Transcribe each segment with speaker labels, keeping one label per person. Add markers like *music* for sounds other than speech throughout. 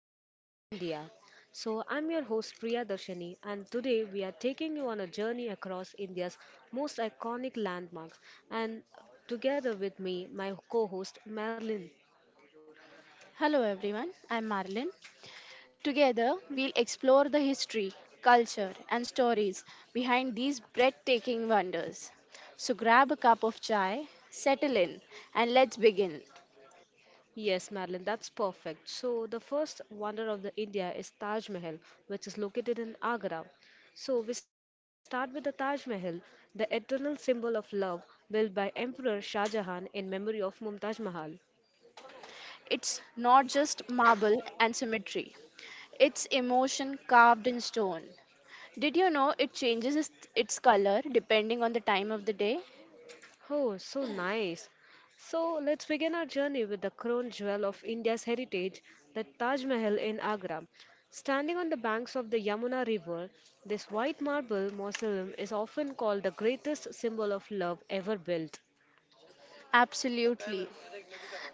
Speaker 1: Wonders of India. So I'm your host Priya Darshani, and today we are taking you on a journey across India's most iconic landmarks. And together with me, my co host Marilyn.
Speaker 2: Hello everyone, I'm Marlin. Together, we'll explore the history, culture, and stories behind these breathtaking wonders. So grab a cup of chai, settle in, and let's begin.
Speaker 1: Yes, Marilyn, that's perfect. So the first wonder of the India is Taj Mahal, which is located in Agra. So we start with the Taj Mahal, the eternal symbol of love built by Emperor Shah Jahan in memory of Mumtaz Mahal.
Speaker 2: It's not just marble and symmetry, it's emotion carved in stone. Did you know it changes its color depending on the time of the day?
Speaker 1: Oh, so nice. So let's begin our journey with the crown jewel of India's heritage, the Taj Mahal in Agra. Standing on the banks of the Yamuna River, this white marble mausoleum is often called the greatest symbol of love ever built.
Speaker 2: Absolutely.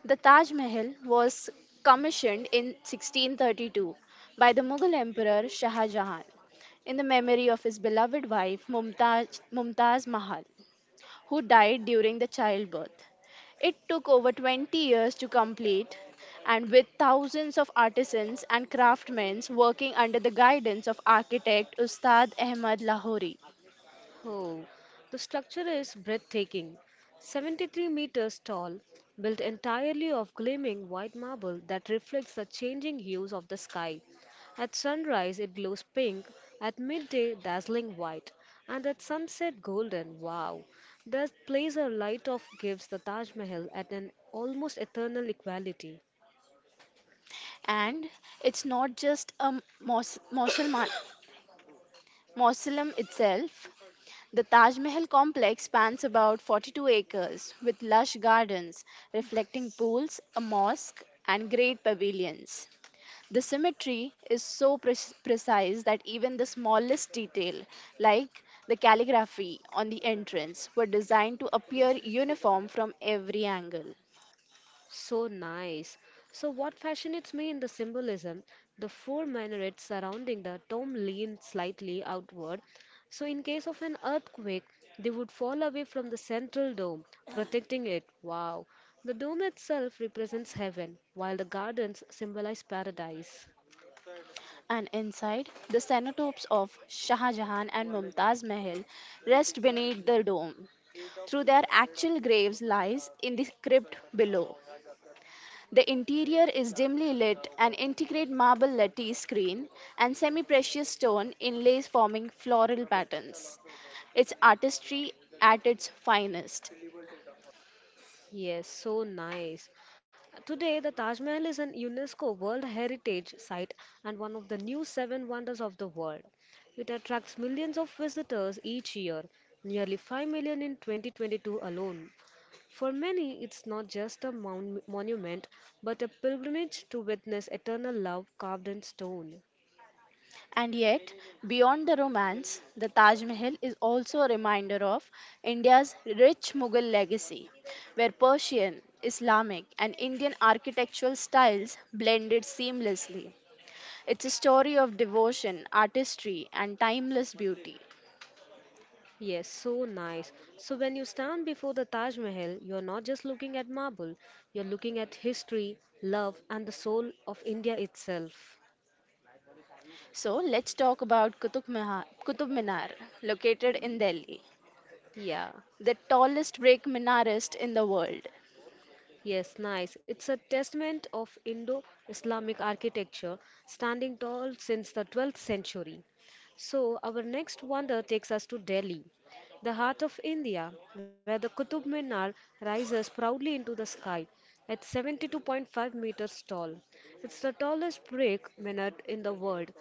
Speaker 2: The Taj Mahal was commissioned in 1632 by the Mughal Emperor Shah Jahan in the memory of his beloved wife Mumtaz Mahal, who died during the childbirth. It took over 20 years to complete, and with thousands of artisans and craftsmen working under the guidance of architect Ustad Ahmad Lahori.
Speaker 1: Oh, the structure is breathtaking. 73 meters tall, built entirely of gleaming white marble that reflects the changing hues of the sky. At sunrise, it glows pink, at midday, dazzling white, and at sunset, golden. Wow! That placer light off gives the Taj Mahal at an almost eternal equality.
Speaker 2: And it's not just a mausoleum *coughs* mausoleum itself. The Taj Mahal complex spans about 42 acres with lush gardens, reflecting pools, a mosque, and great pavilions. The symmetry is so precise that even the smallest detail, like the calligraphy on the entrance, were designed to appear uniform from every angle.
Speaker 1: So nice. So what fascinates me in the symbolism, the four minarets surrounding the tomb lean slightly outward. So in case of an earthquake, they would fall away from the central dome, protecting it. Wow. The dome itself represents heaven, while the gardens symbolize paradise.
Speaker 2: And inside, the cenotapes of Shah Jahan and Mumtaz Mahal rest beneath the dome through their actual graves lies in the crypt below. The interior is dimly lit, an intricate marble lattice screen, and semi precious stone inlays forming floral patterns. It's artistry at its finest.
Speaker 1: Yes, so nice. Today, the Taj Mahal is an UNESCO World Heritage Site and one of the new seven wonders of the world. It attracts millions of visitors each year, nearly 5 million in 2022 alone. For many, it's not just a monument, but a pilgrimage to witness eternal love carved in stone.
Speaker 2: And yet, beyond the romance, the Taj Mahal is also a reminder of India's rich Mughal legacy, where Persian, Islamic, and Indian architectural styles blended seamlessly. It's a story of devotion, artistry, and timeless beauty.
Speaker 1: Yes, so nice. So when you stand before the Taj Mahal, you're not just looking at marble, you're looking at history, love, and the soul of India itself.
Speaker 2: So let's talk about Qutub Minar, located in Delhi,
Speaker 1: Yeah.
Speaker 2: the tallest brick minarist in the world.
Speaker 1: Yes, nice. It's a testament of Indo Islamic architecture standing tall since the 12th century. So our next wonder takes us to Delhi, the heart of India, where the Qutub Minar rises proudly into the sky at 72.5 meters tall. It's the tallest brick minaret in the world,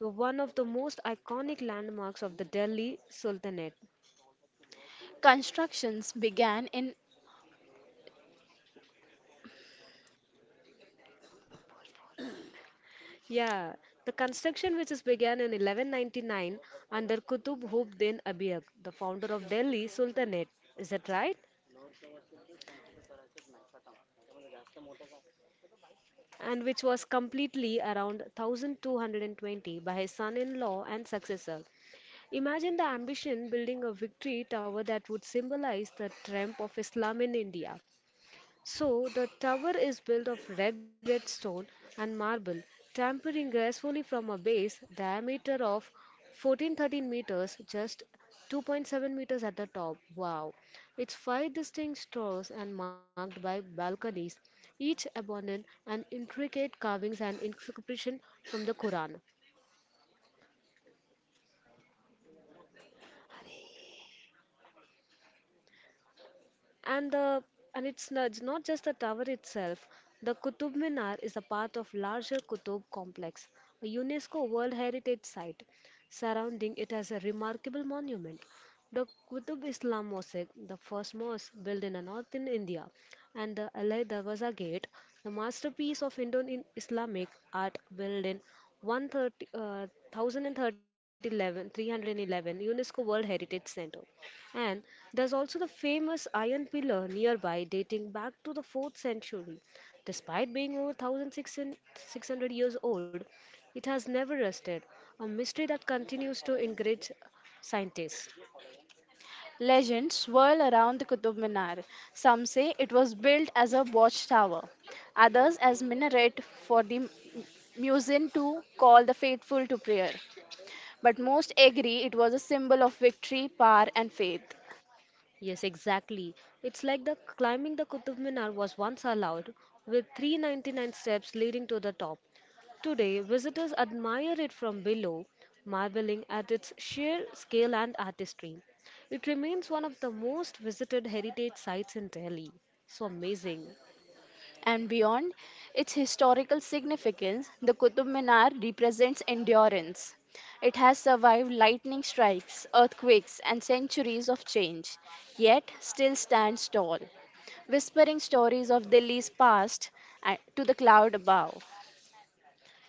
Speaker 1: one of the most iconic landmarks of the Delhi Sultanate.
Speaker 2: Constructions began in
Speaker 1: Yeah, the construction which is began in 1199 under Qutb Hub din Abiyak, the founder of Delhi Sultanate, is that right? And which was completely around 1220 by his son-in-law and successor. Imagine the ambition building a victory tower that would symbolize the triumph of Islam in India. So the tower is built of red stone and marble, tapering gracefully from a base diameter of 1413 meters, just 2.7 meters at the top. Wow! Its five distinct towers and marked by balconies, each adorned and intricate carvings and inscription from the Quran. And the and it's not just the tower itself. The Qutub Minar is a part of larger Qutub complex, a UNESCO World Heritage Site. Surrounding it has a remarkable monument. The Qutub Islam Mosque, the first mosque built in the northern India, and the Al Darwaza Gate, the masterpiece of Indo Islamic art built in 130, uh, 1011 UNESCO World Heritage Center. And there's also the famous iron pillar nearby dating back to the 4th century. Despite being over 1600 years old, it has never rusted, a mystery that continues to encourage scientists.
Speaker 2: legends swirl around the Qutub Minar. Some say it was built as a watchtower, others as minaret for the muezzin to call the faithful to prayer. But most agree it was a symbol of victory, power, and faith.
Speaker 1: Yes, exactly. It's like the climbing the Qutub Minar was once allowed, with 399 steps leading to the top. Today, visitors admire it from below, marveling at its sheer scale and artistry. It remains one of the most visited heritage sites in Delhi. So amazing.
Speaker 2: And beyond its historical significance, the Qutub Minar represents endurance. It has survived lightning strikes, earthquakes, and centuries of change, yet still stands tall, whispering stories of Delhi's past to the cloud above.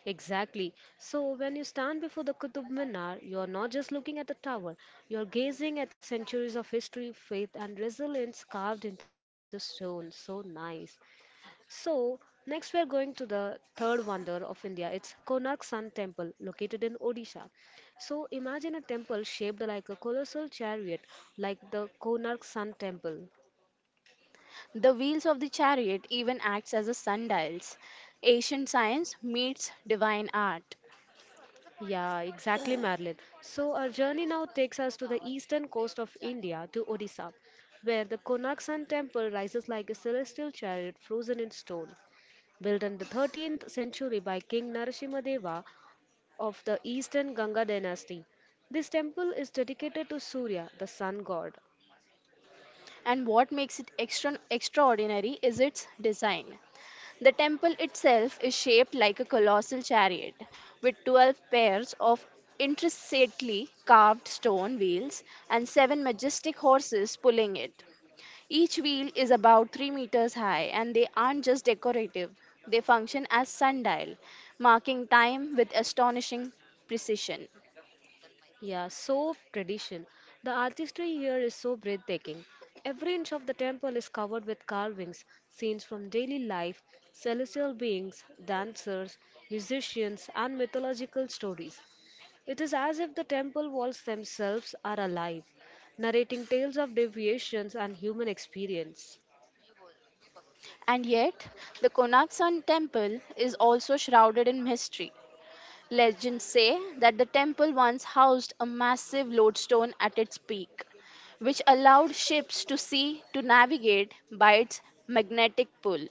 Speaker 1: Exactly. So when you stand before the Qutub Minar, you are not just looking at the tower, you are gazing at centuries of history, faith, and resilience carved into stone. So nice. So next we are going to the third wonder of India. It's Konark Sun Temple, located in Odisha. So imagine a temple shaped like a colossal chariot, like the Konark Sun Temple.
Speaker 2: The wheels of the chariot even acts as a sundials. Ancient science meets divine art.
Speaker 1: Yeah, exactly, Marilyn. So our journey now takes us to the eastern coast of India to Odisha, where the Konark Sun Temple rises like a celestial chariot frozen in stone. Built in the 13th century by King Narasimhadeva of the Eastern Ganga dynasty. This temple is dedicated to Surya, the sun god.
Speaker 2: And what makes it extraordinary is its design. The temple itself is shaped like a colossal chariot, with 12 pairs of intricately carved stone wheels and seven majestic horses pulling it. Each wheel is about 3 meters high, and they aren't just decorative, they function as sundial, marking time with astonishing precision.
Speaker 1: Yeah, so tradition. The artistry here is so breathtaking. Every inch of the temple is covered with carvings, scenes from daily life, celestial beings, dancers, musicians, and mythological stories. It is as if the temple walls themselves are alive, narrating tales of deviations and human experience.
Speaker 2: And yet, the Konak Sun temple is also shrouded in mystery. Legends say that the temple once housed a massive lodestone at its peak, which allowed ships to see to navigate by its magnetic pull.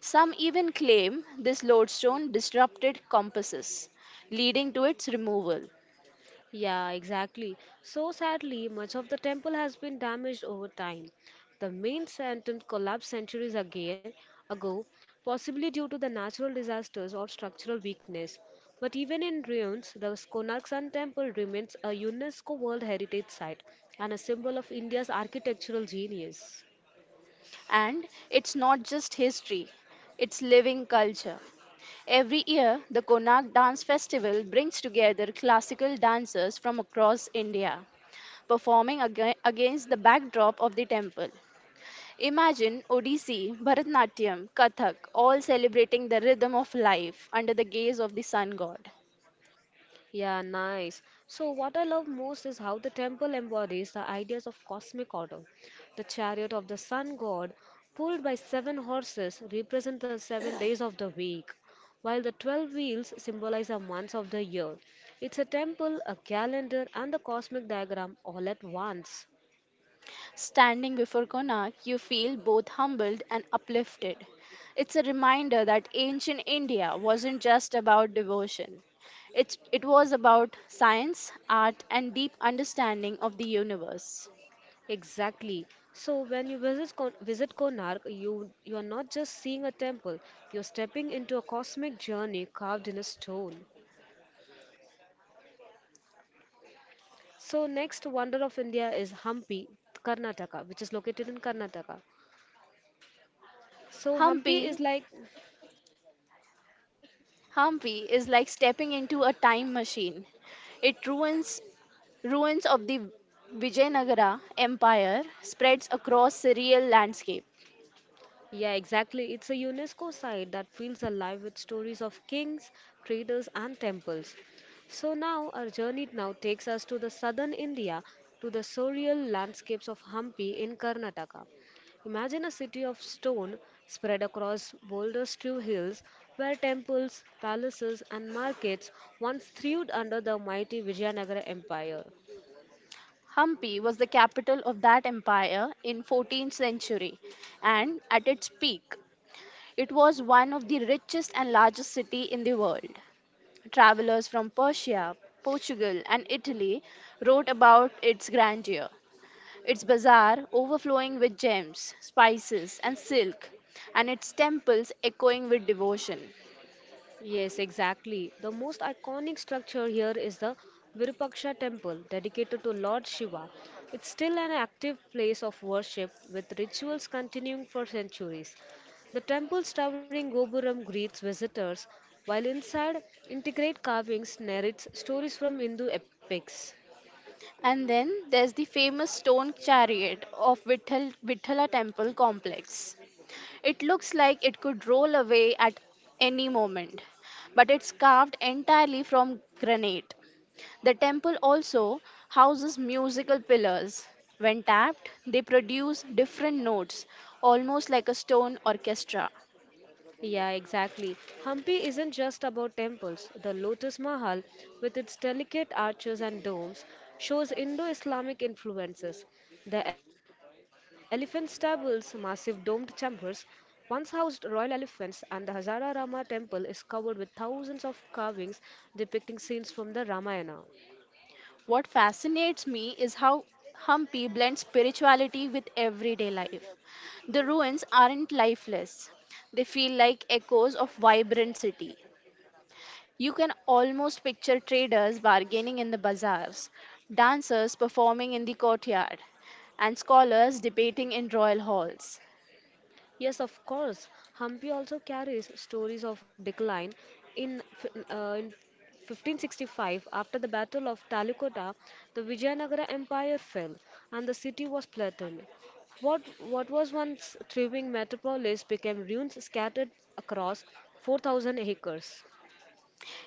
Speaker 2: Some even claim this lodestone disrupted compasses, leading to its removal.
Speaker 1: Yeah, exactly. So sadly, much of the temple has been damaged over time. The main sanctum collapsed centuries ago, possibly due to the natural disasters or structural weakness. But even in ruins, the Konark Sun Temple remains a UNESCO World Heritage Site and a symbol of India's architectural genius.
Speaker 2: And it's not just history, it's living culture. Every year, the Konak Dance Festival brings together classical dancers from across India, performing against the backdrop of the temple. Imagine Odissi, Bharatanatyam, Kathak, all celebrating the rhythm of life under the gaze of the sun god.
Speaker 1: Yeah, nice. So what I love most is how the temple embodies the ideas of cosmic order. The chariot of the sun god, pulled by seven horses, represent the 7 days of the week, while the 12 wheels symbolize the months of the year. It's a temple, a calendar, and the cosmic diagram all at once.
Speaker 2: Standing before Konark, you feel both humbled and uplifted. It's a reminder that ancient India wasn't just about devotion. It was about science, art, and deep understanding of the universe.
Speaker 1: Exactly. So when you visit Konark, you are not just seeing a temple. You're stepping into a cosmic journey carved in a stone. So next wonder of India is Hampi, Karnataka, which is located in Karnataka. So Hampi
Speaker 2: Hampi,
Speaker 1: is like.
Speaker 2: Hampi is like stepping into a time machine. It ruins of the Vijayanagara Empire spreads across the real landscape.
Speaker 1: Yeah, exactly. It's a UNESCO site that feels alive with stories of kings, traders, and temples. So now our journey now takes us to the southern India to the surreal landscapes of Hampi in Karnataka. Imagine a city of stone spread across boulder strewn hills where temples, palaces, and markets once thrived under the mighty Vijayanagara Empire.
Speaker 2: Hampi was the capital of that empire in 14th century and at its peak it was one of the richest and largest city in the world. Travelers from Persia, Portugal and Italy wrote about its grandeur. Its bazaar overflowing with gems, spices and silk and its temples echoing with devotion.
Speaker 1: Yes, exactly. The most iconic structure here is the Virupaksha temple dedicated to Lord Shiva. It's still an active place of worship with rituals continuing for centuries. The temple's towering gopuram greets visitors, while inside, intricate carvings narrates stories from Hindu epics.
Speaker 2: And then there's the famous stone chariot of Vithala temple complex. It looks like it could roll away at any moment, but it's carved entirely from granite. The temple also houses musical pillars. When tapped, they produce different notes, almost like a stone orchestra.
Speaker 1: Yeah, exactly. Hampi isn't just about temples. The Lotus Mahal, with its delicate arches and domes, shows Indo Islamic influences. The elephant stables, massive domed chambers, once housed royal elephants, and the Hazara Rama temple is covered with thousands of carvings depicting scenes from the Ramayana.
Speaker 2: What fascinates me is how Hampi blends spirituality with everyday life. The ruins aren't lifeless, they feel like echoes of vibrant city. You can almost picture traders bargaining in the bazaars, dancers performing in the courtyard, and scholars debating in royal halls.
Speaker 1: Yes, of course. Hampi also carries stories of decline. In, f- in 1565, after the Battle of Talikota, the Vijayanagara Empire fell and the city was flattened. What was once thriving metropolis became ruins scattered across 4,000 acres.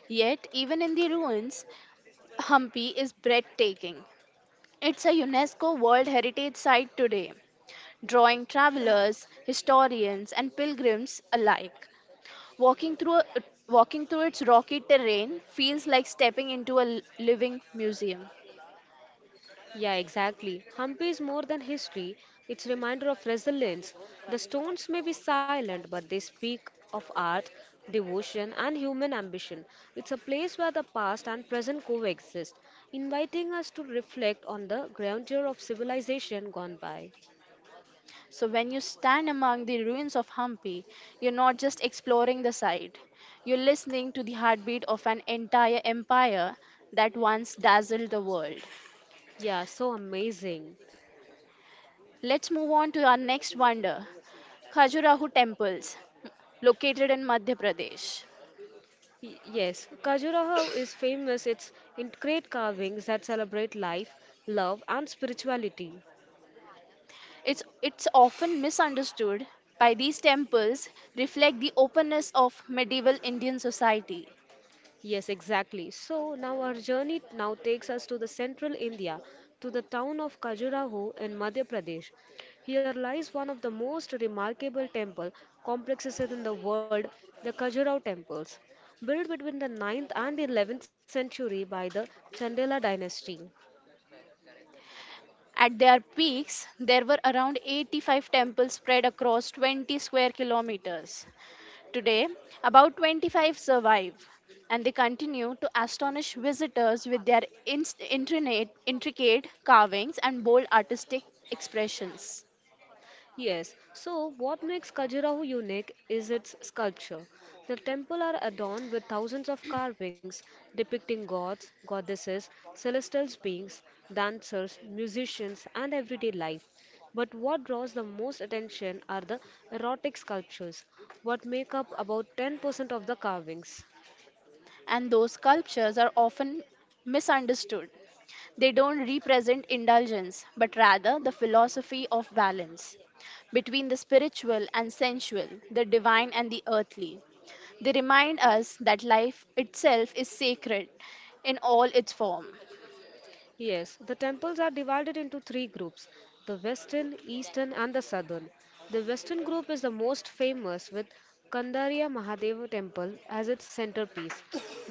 Speaker 2: Yet, even in the ruins, Hampi is breathtaking. It's a UNESCO World Heritage Site today, drawing travelers, historians, and pilgrims alike. Walking through, a- walking through its rocky terrain feels like stepping into a living museum.
Speaker 1: Yeah, exactly. Hampi is more than history. It's a reminder of resilience. The stones may be silent, but they speak of art, devotion, and human ambition. It's a place where the past and present coexist, inviting us to reflect on the grandeur of civilization gone by.
Speaker 2: So when you stand among the ruins of Hampi, you're not just exploring the site. You're listening to the heartbeat of an entire empire that once dazzled the world.
Speaker 1: Yeah, so amazing.
Speaker 2: Let's move on to our next wonder, Khajuraho temples, located in Madhya Pradesh.
Speaker 1: Yes, Khajuraho is famous. It's in great carvings that celebrate life, love, and spirituality.
Speaker 2: It's often misunderstood by these temples reflect the openness of medieval Indian society.
Speaker 1: Yes, exactly. So now our journey now takes us to the central India, to the town of Khajuraho in Madhya Pradesh. Here lies one of the most remarkable temple complexes in the world, the Khajuraho temples, built between the 9th and 11th century by the Chandela dynasty.
Speaker 2: At their peaks, there were around 85 temples spread across 20 square kilometers. Today, about 25 survive, and they continue to astonish visitors with their intricate carvings and bold artistic expressions.
Speaker 1: Yes, so what makes Khajuraho unique is its sculpture. The temple are adorned with thousands of carvings depicting gods, goddesses, celestial beings, dancers, musicians, and everyday life. But what draws the most attention are the erotic sculptures, what make up about 10% of the carvings.
Speaker 2: And those sculptures are often misunderstood. They don't represent indulgence, but rather the philosophy of balance between the spiritual and sensual, the divine and the earthly. They remind us that life itself is sacred in all its form.
Speaker 1: Yes, the temples are divided into three groups the western, eastern, and the southern. The western group is the most famous with Kandarya Mahadeva temple as its centerpiece.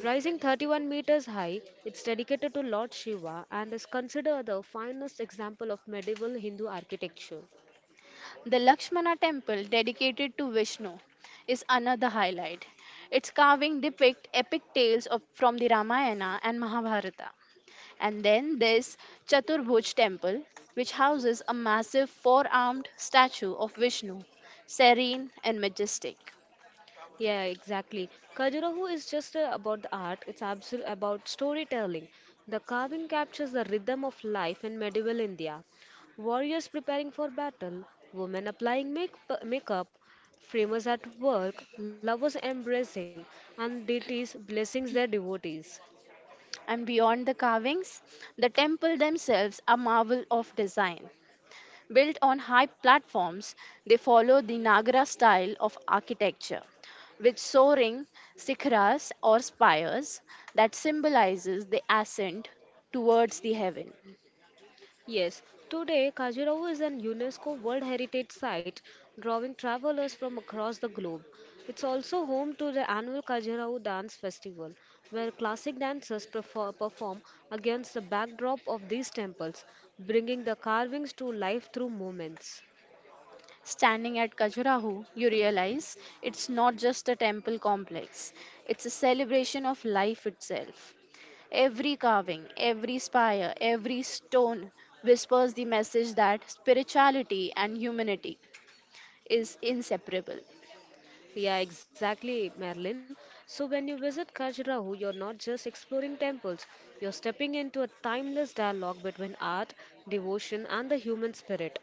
Speaker 1: Rising 31 meters high, it's dedicated to Lord Shiva and is considered the finest example of medieval Hindu architecture.
Speaker 2: The Lakshmana temple dedicated to Vishnu is another highlight. Its carving depict epic tales of, from the Ramayana and Mahabharata. And then there's Chaturbhuj temple which houses a massive four-armed statue of Vishnu, serene and majestic.
Speaker 1: Yeah, exactly. Kajurahu is just about the art, it's absolutely about storytelling. The carving captures the rhythm of life in medieval India. Warriors preparing for battle, women applying makeup, framers at work, lovers embracing, and deities blessings their devotees.
Speaker 2: And beyond the carvings, the temple themselves are marvel of design. Built on high platforms, they follow the Nagara style of architecture, with soaring sikharas or spires that symbolizes the ascent towards the heaven.
Speaker 1: Yes, today Khajuraho is an UNESCO World Heritage Site, drawing travelers from across the globe. It's also home to the annual Khajuraho Dance Festival, where classic dancers perform against the backdrop of these temples, bringing the carvings to life through movements.
Speaker 2: Standing at Khajuraho, you realize it's not just a temple complex, it's a celebration of life itself. Every carving, every spire, every stone whispers the message that spirituality and humanity is inseparable.
Speaker 1: Yeah, exactly, Marilyn. So when you visit Khajuraho, you're not just exploring temples, you're stepping into a timeless dialogue between art, devotion, and the human spirit.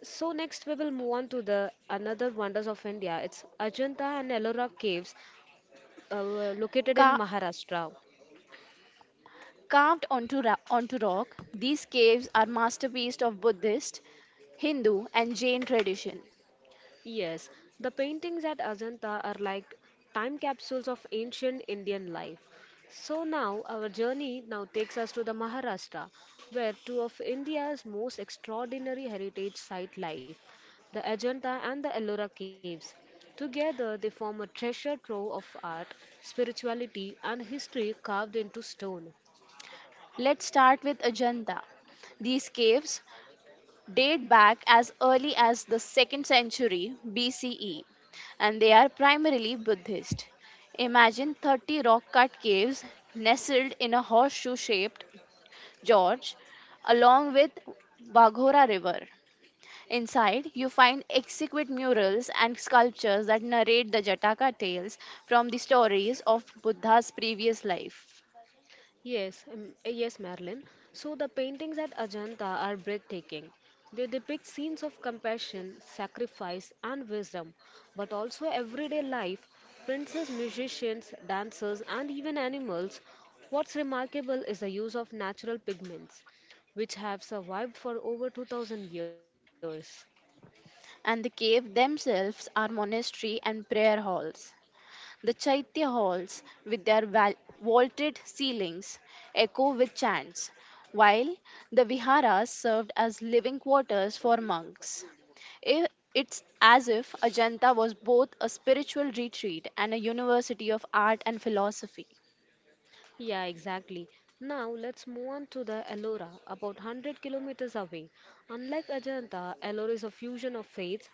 Speaker 1: So next we will move on to the another wonders of India. It's Ajanta and Ellora caves located
Speaker 2: Ka.
Speaker 1: in Maharashtra.
Speaker 2: Carved onto rock, these caves are masterpieces of Buddhist, Hindu, and Jain tradition.
Speaker 1: Yes, the paintings at Ajanta are like time capsules of ancient Indian life. So now our journey now takes us to the Maharashtra, where two of India's most extraordinary heritage site lie, the Ajanta and the Ellora caves. Together, they form a treasure trove of art, spirituality, and history carved into stone.
Speaker 2: Let's start with Ajanta. These caves date back as early as the 2nd century BCE and they are primarily Buddhist. Imagine 30 rock cut caves nestled in a horseshoe shaped gorge along with Baghora River. Inside, you find exquisite murals and sculptures that narrate the Jataka tales from the stories of Buddha's previous life.
Speaker 1: Yes, yes, Marilyn. So the paintings at Ajanta are breathtaking. They depict scenes of compassion, sacrifice, and wisdom, but also everyday life, princes, musicians, dancers, and even animals. What's remarkable is the use of natural pigments, which have survived for over 2000 years.
Speaker 2: And the cave themselves are monastery and prayer halls. The Chaitya halls, with their vaulted ceilings, echo with chants, while the viharas served as living quarters for monks. I- It's as if Ajanta was both a spiritual retreat and a university of art and philosophy.
Speaker 1: Yeah, exactly. Now let's move on to the Ellora, about 100 kilometers away. Unlike Ajanta, Ellora is a fusion of faiths: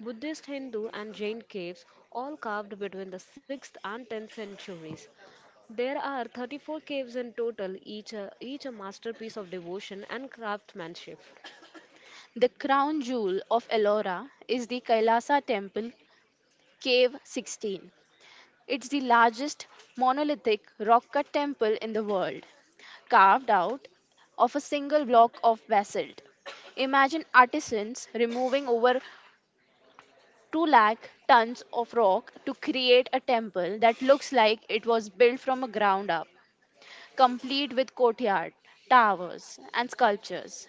Speaker 1: Buddhist, Hindu, and Jain caves, all carved between the 6th and 10th centuries. There are 34 caves in total, each a masterpiece of devotion and craftsmanship.
Speaker 2: The crown jewel of Ellora is the Kailasa Temple, Cave 16. It's the largest monolithic rock cut temple in the world, carved out of a single block of basalt. Imagine artisans removing over 2 lakh tons of rock to create a temple that looks like it was built from a ground up, complete with courtyard, towers, and sculptures.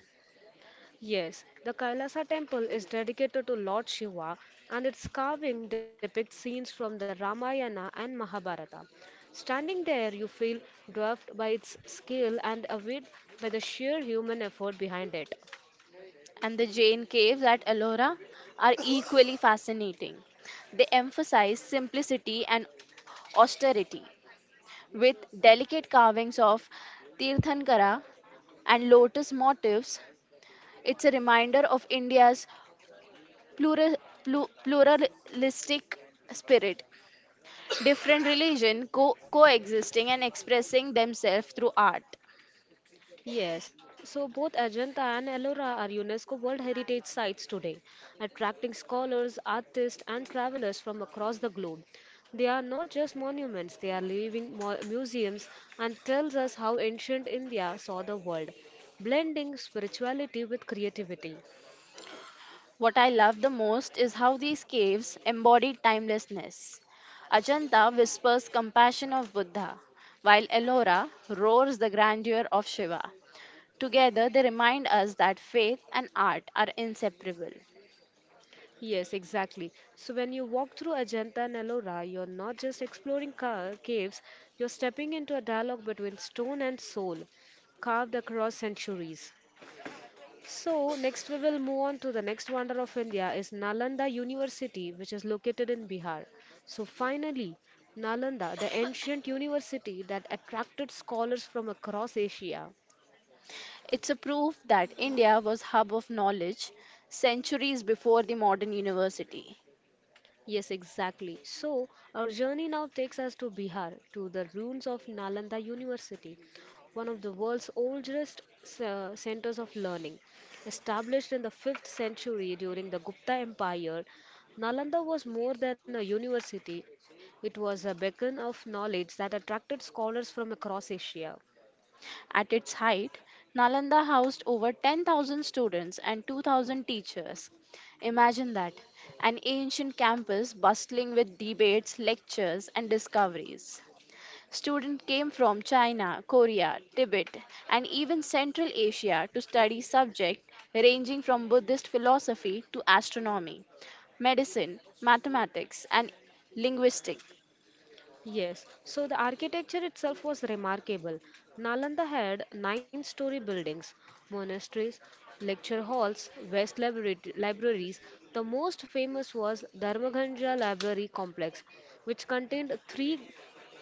Speaker 1: Yes, the Kailasa temple is dedicated to Lord Shiva, and its carving depicts scenes from the Ramayana and Mahabharata. Standing there, you feel dwarfed by its scale and awed by the sheer human effort behind it.
Speaker 2: And the Jain caves at Ellora are equally fascinating. They emphasize simplicity and austerity, with delicate carvings of Tirthankara and lotus motifs. It's a reminder of India's plural, pluralistic spirit, different religion coexisting and expressing themselves through art.
Speaker 1: Yes, so both Ajanta and Ellora are UNESCO World Heritage Sites today, attracting scholars, artists, and travelers from across the globe. They are not just monuments, they are living museums and tells us how ancient India saw the world, blending spirituality with creativity.
Speaker 2: What I love the most is how these caves embody timelessness. Ajanta whispers compassion of Buddha, while Ellora roars the grandeur of Shiva. Together, they remind us that faith and art are inseparable.
Speaker 1: Yes, exactly. So when you walk through Ajanta and Ellora, you're not just exploring caves, you're stepping into a dialogue between stone and soul, carved across centuries. So next we will move on to the next wonder of India is Nalanda University, which is located in Bihar. So finally, Nalanda, the ancient university that attracted scholars from across Asia.
Speaker 2: It's a proof that India was hub of knowledge centuries before the modern university.
Speaker 1: Yes, exactly. So, our journey now takes us to Bihar, to the ruins of Nalanda University, one of the world's oldest centers of learning. Established in the 5th century during the Gupta Empire, Nalanda was more than a university, it was a beacon of knowledge that attracted scholars from across Asia.
Speaker 2: At its height, Nalanda housed over 10,000 students and 2,000 teachers. Imagine that an ancient campus bustling with debates, lectures, and discoveries. Students came from China, Korea, Tibet, and even Central Asia to study subjects ranging from Buddhist philosophy to astronomy, medicine, mathematics, and linguistics.
Speaker 1: Yes, so the architecture itself was remarkable. Nalanda had 9-story buildings, monasteries, lecture halls, vast libraries. The most famous was Dharmaganja Library Complex, which contained three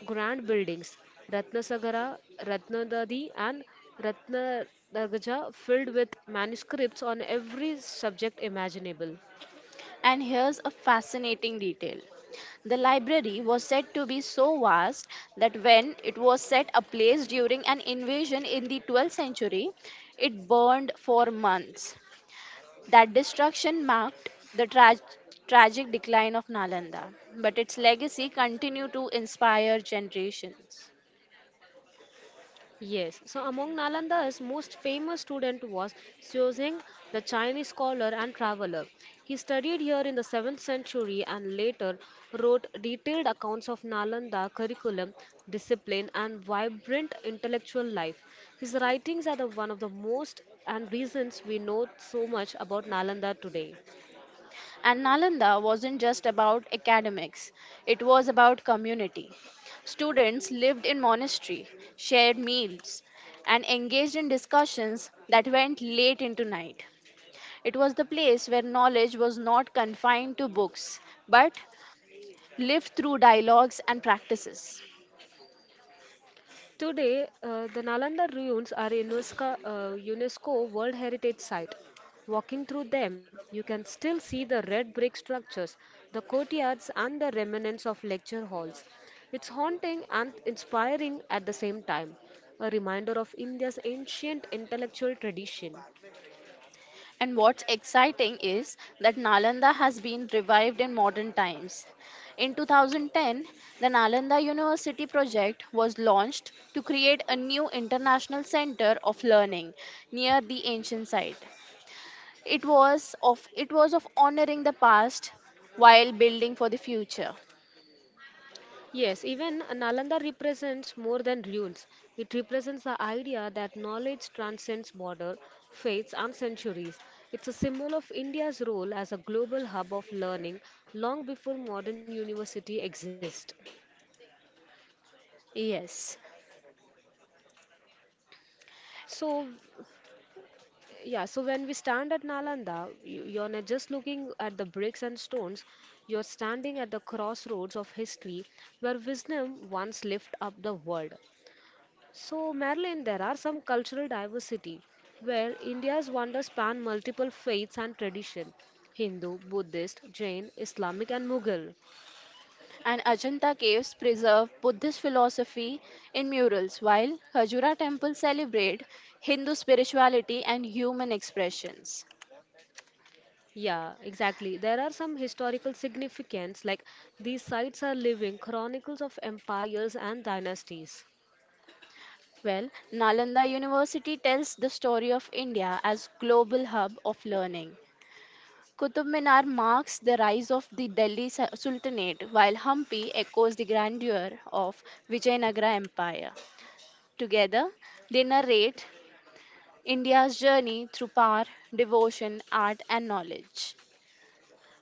Speaker 1: grand buildings: Ratnasagara, Ratnadadi, and Ratnadagaja, filled with manuscripts on every subject imaginable.
Speaker 2: And here's a fascinating detail. The library was said to be so vast that when it was set ablaze during an invasion in the 12th century, it burned for months. That destruction marked the tragic decline of Nalanda, but its legacy continued to inspire generations.
Speaker 1: Yes, so among Nalanda's most famous student was Xuezeng, the Chinese scholar and traveler. He studied here in the 7th century and later wrote detailed accounts of Nalanda curriculum, discipline, and vibrant intellectual life. His writings are the one of the most and reasons we know so much about Nalanda today.
Speaker 2: And Nalanda wasn't just about academics, it was about community. Students lived in monastery, shared meals, and engaged in discussions that went late into night. It was the place where knowledge was not confined to books, but lived through dialogues and practices.
Speaker 1: Today, the Nalanda ruins are a UNESCO World Heritage Site. Walking through them, you can still see the red brick structures, the courtyards, and the remnants of lecture halls. It's haunting and inspiring at the same time, a reminder of India's ancient intellectual tradition.
Speaker 2: And what's exciting is that Nalanda has been revived in modern times. In 2010, the Nalanda University project was launched to create a new international center of learning near the ancient site. It was of honoring the past while building for the future.
Speaker 1: Yes, even Nalanda represents more than ruins. It represents the idea that knowledge transcends border, faiths, and centuries. It's a symbol of India's role as a global hub of learning long before modern university exist.
Speaker 2: Yes.
Speaker 1: So, yeah, so when we stand at Nalanda, you're not just looking at the bricks and stones, you're standing at the crossroads of history where wisdom once lived up the world. So, Marilyn, there are some cultural diversity where India's wonders span multiple faiths and tradition: Hindu, Buddhist, Jain, Islamic, and Mughal.
Speaker 2: And Ajanta caves preserve Buddhist philosophy in murals, while Khajura temples celebrate Hindu spirituality and human expressions.
Speaker 1: Yeah, exactly. There are some historical significance, like these sites are living chronicles of empires and dynasties.
Speaker 2: Well, Nalanda University tells the story of India as global hub of learning. Qutub Minar marks the rise of the Sultanate, while Hampi echoes the grandeur of Vijayanagara Empire. Together, they narrate India's journey through power, devotion, art, and knowledge.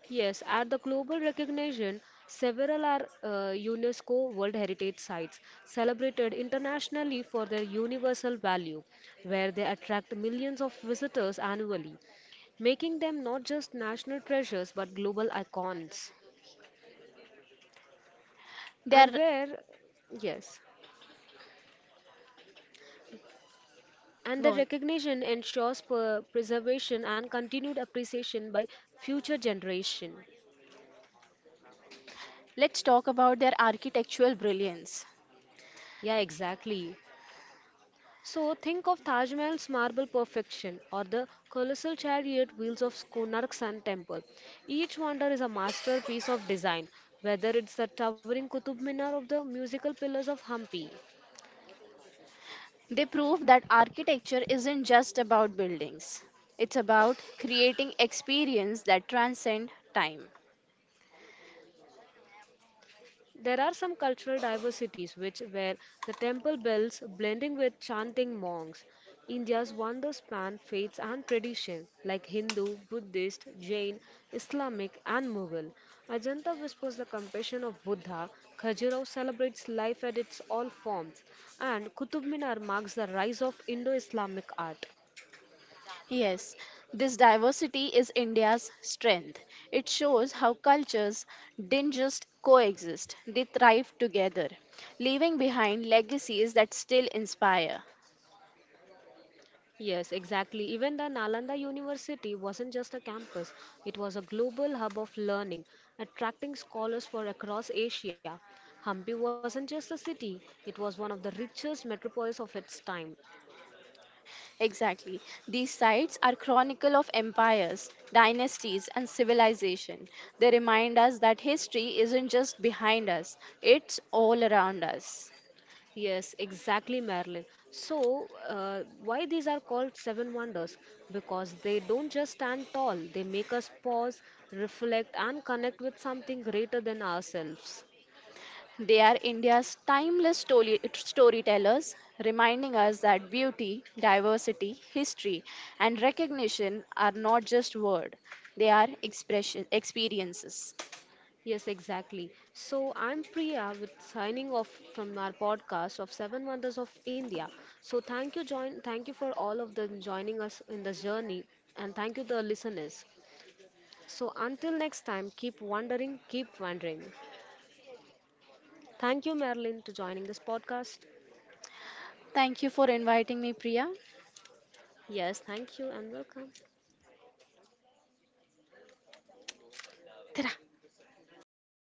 Speaker 1: Yes, at the global recognition, several are UNESCO World Heritage Sites, celebrated internationally for their universal value, where they attract millions of visitors annually, making them not just national treasures but global icons. And
Speaker 2: They're
Speaker 1: where, yes, and the
Speaker 2: gone.
Speaker 1: recognition ensures preservation and continued appreciation by future generation.
Speaker 2: Let's talk about their architectural brilliance.
Speaker 1: Yeah, exactly. So think of Taj Mahal's marble perfection or the colossal chariot wheels of Konark Sun Temple. Each wonder is a masterpiece of design, whether it's the towering Qutub Minar or the musical pillars of Hampi.
Speaker 2: They prove that architecture isn't just about buildings. It's about creating experience that transcend time.
Speaker 1: There are some cultural diversities which were the temple bells blending with chanting monks, India's wonders span faiths and tradition like Hindu, Buddhist, Jain, Islamic and Mughal. Ajanta whispers the compassion of Buddha, Khajuraho celebrates life at its all forms, and Qutub Minar marks the rise of Indo-Islamic art.
Speaker 2: Yes, this diversity is India's strength. It shows how cultures didn't just coexist, they thrived together, leaving behind legacies that still inspire.
Speaker 1: Yes, exactly. Even the Nalanda University wasn't just a campus, it was a global hub of learning, attracting scholars from across Asia. Hampi wasn't just a city, it was one of the richest metropolis of its time.
Speaker 2: Exactly. These sites are chronicle of empires, dynasties, and civilization. They remind us that history isn't just behind us, it's all around us.
Speaker 1: Yes, exactly, Marilyn. So, why these are called seven wonders? Because they don't just stand tall, they make us pause, reflect, and connect with something greater than ourselves.
Speaker 2: They are India's storytellers, reminding us that beauty, diversity, history, and recognition are not just words, they are expression experiences.
Speaker 1: Yes, exactly. So I'm Priya with signing off from our podcast of Seven Wonders of India. So thank you, join thank you for all of them joining us in the journey, and thank you the listeners. So until next time, keep wondering, keep wondering. Thank you, Marilyn, to joining this podcast.
Speaker 2: Thank you for inviting me, Priya.
Speaker 1: Yes, thank you and welcome.
Speaker 2: Tada.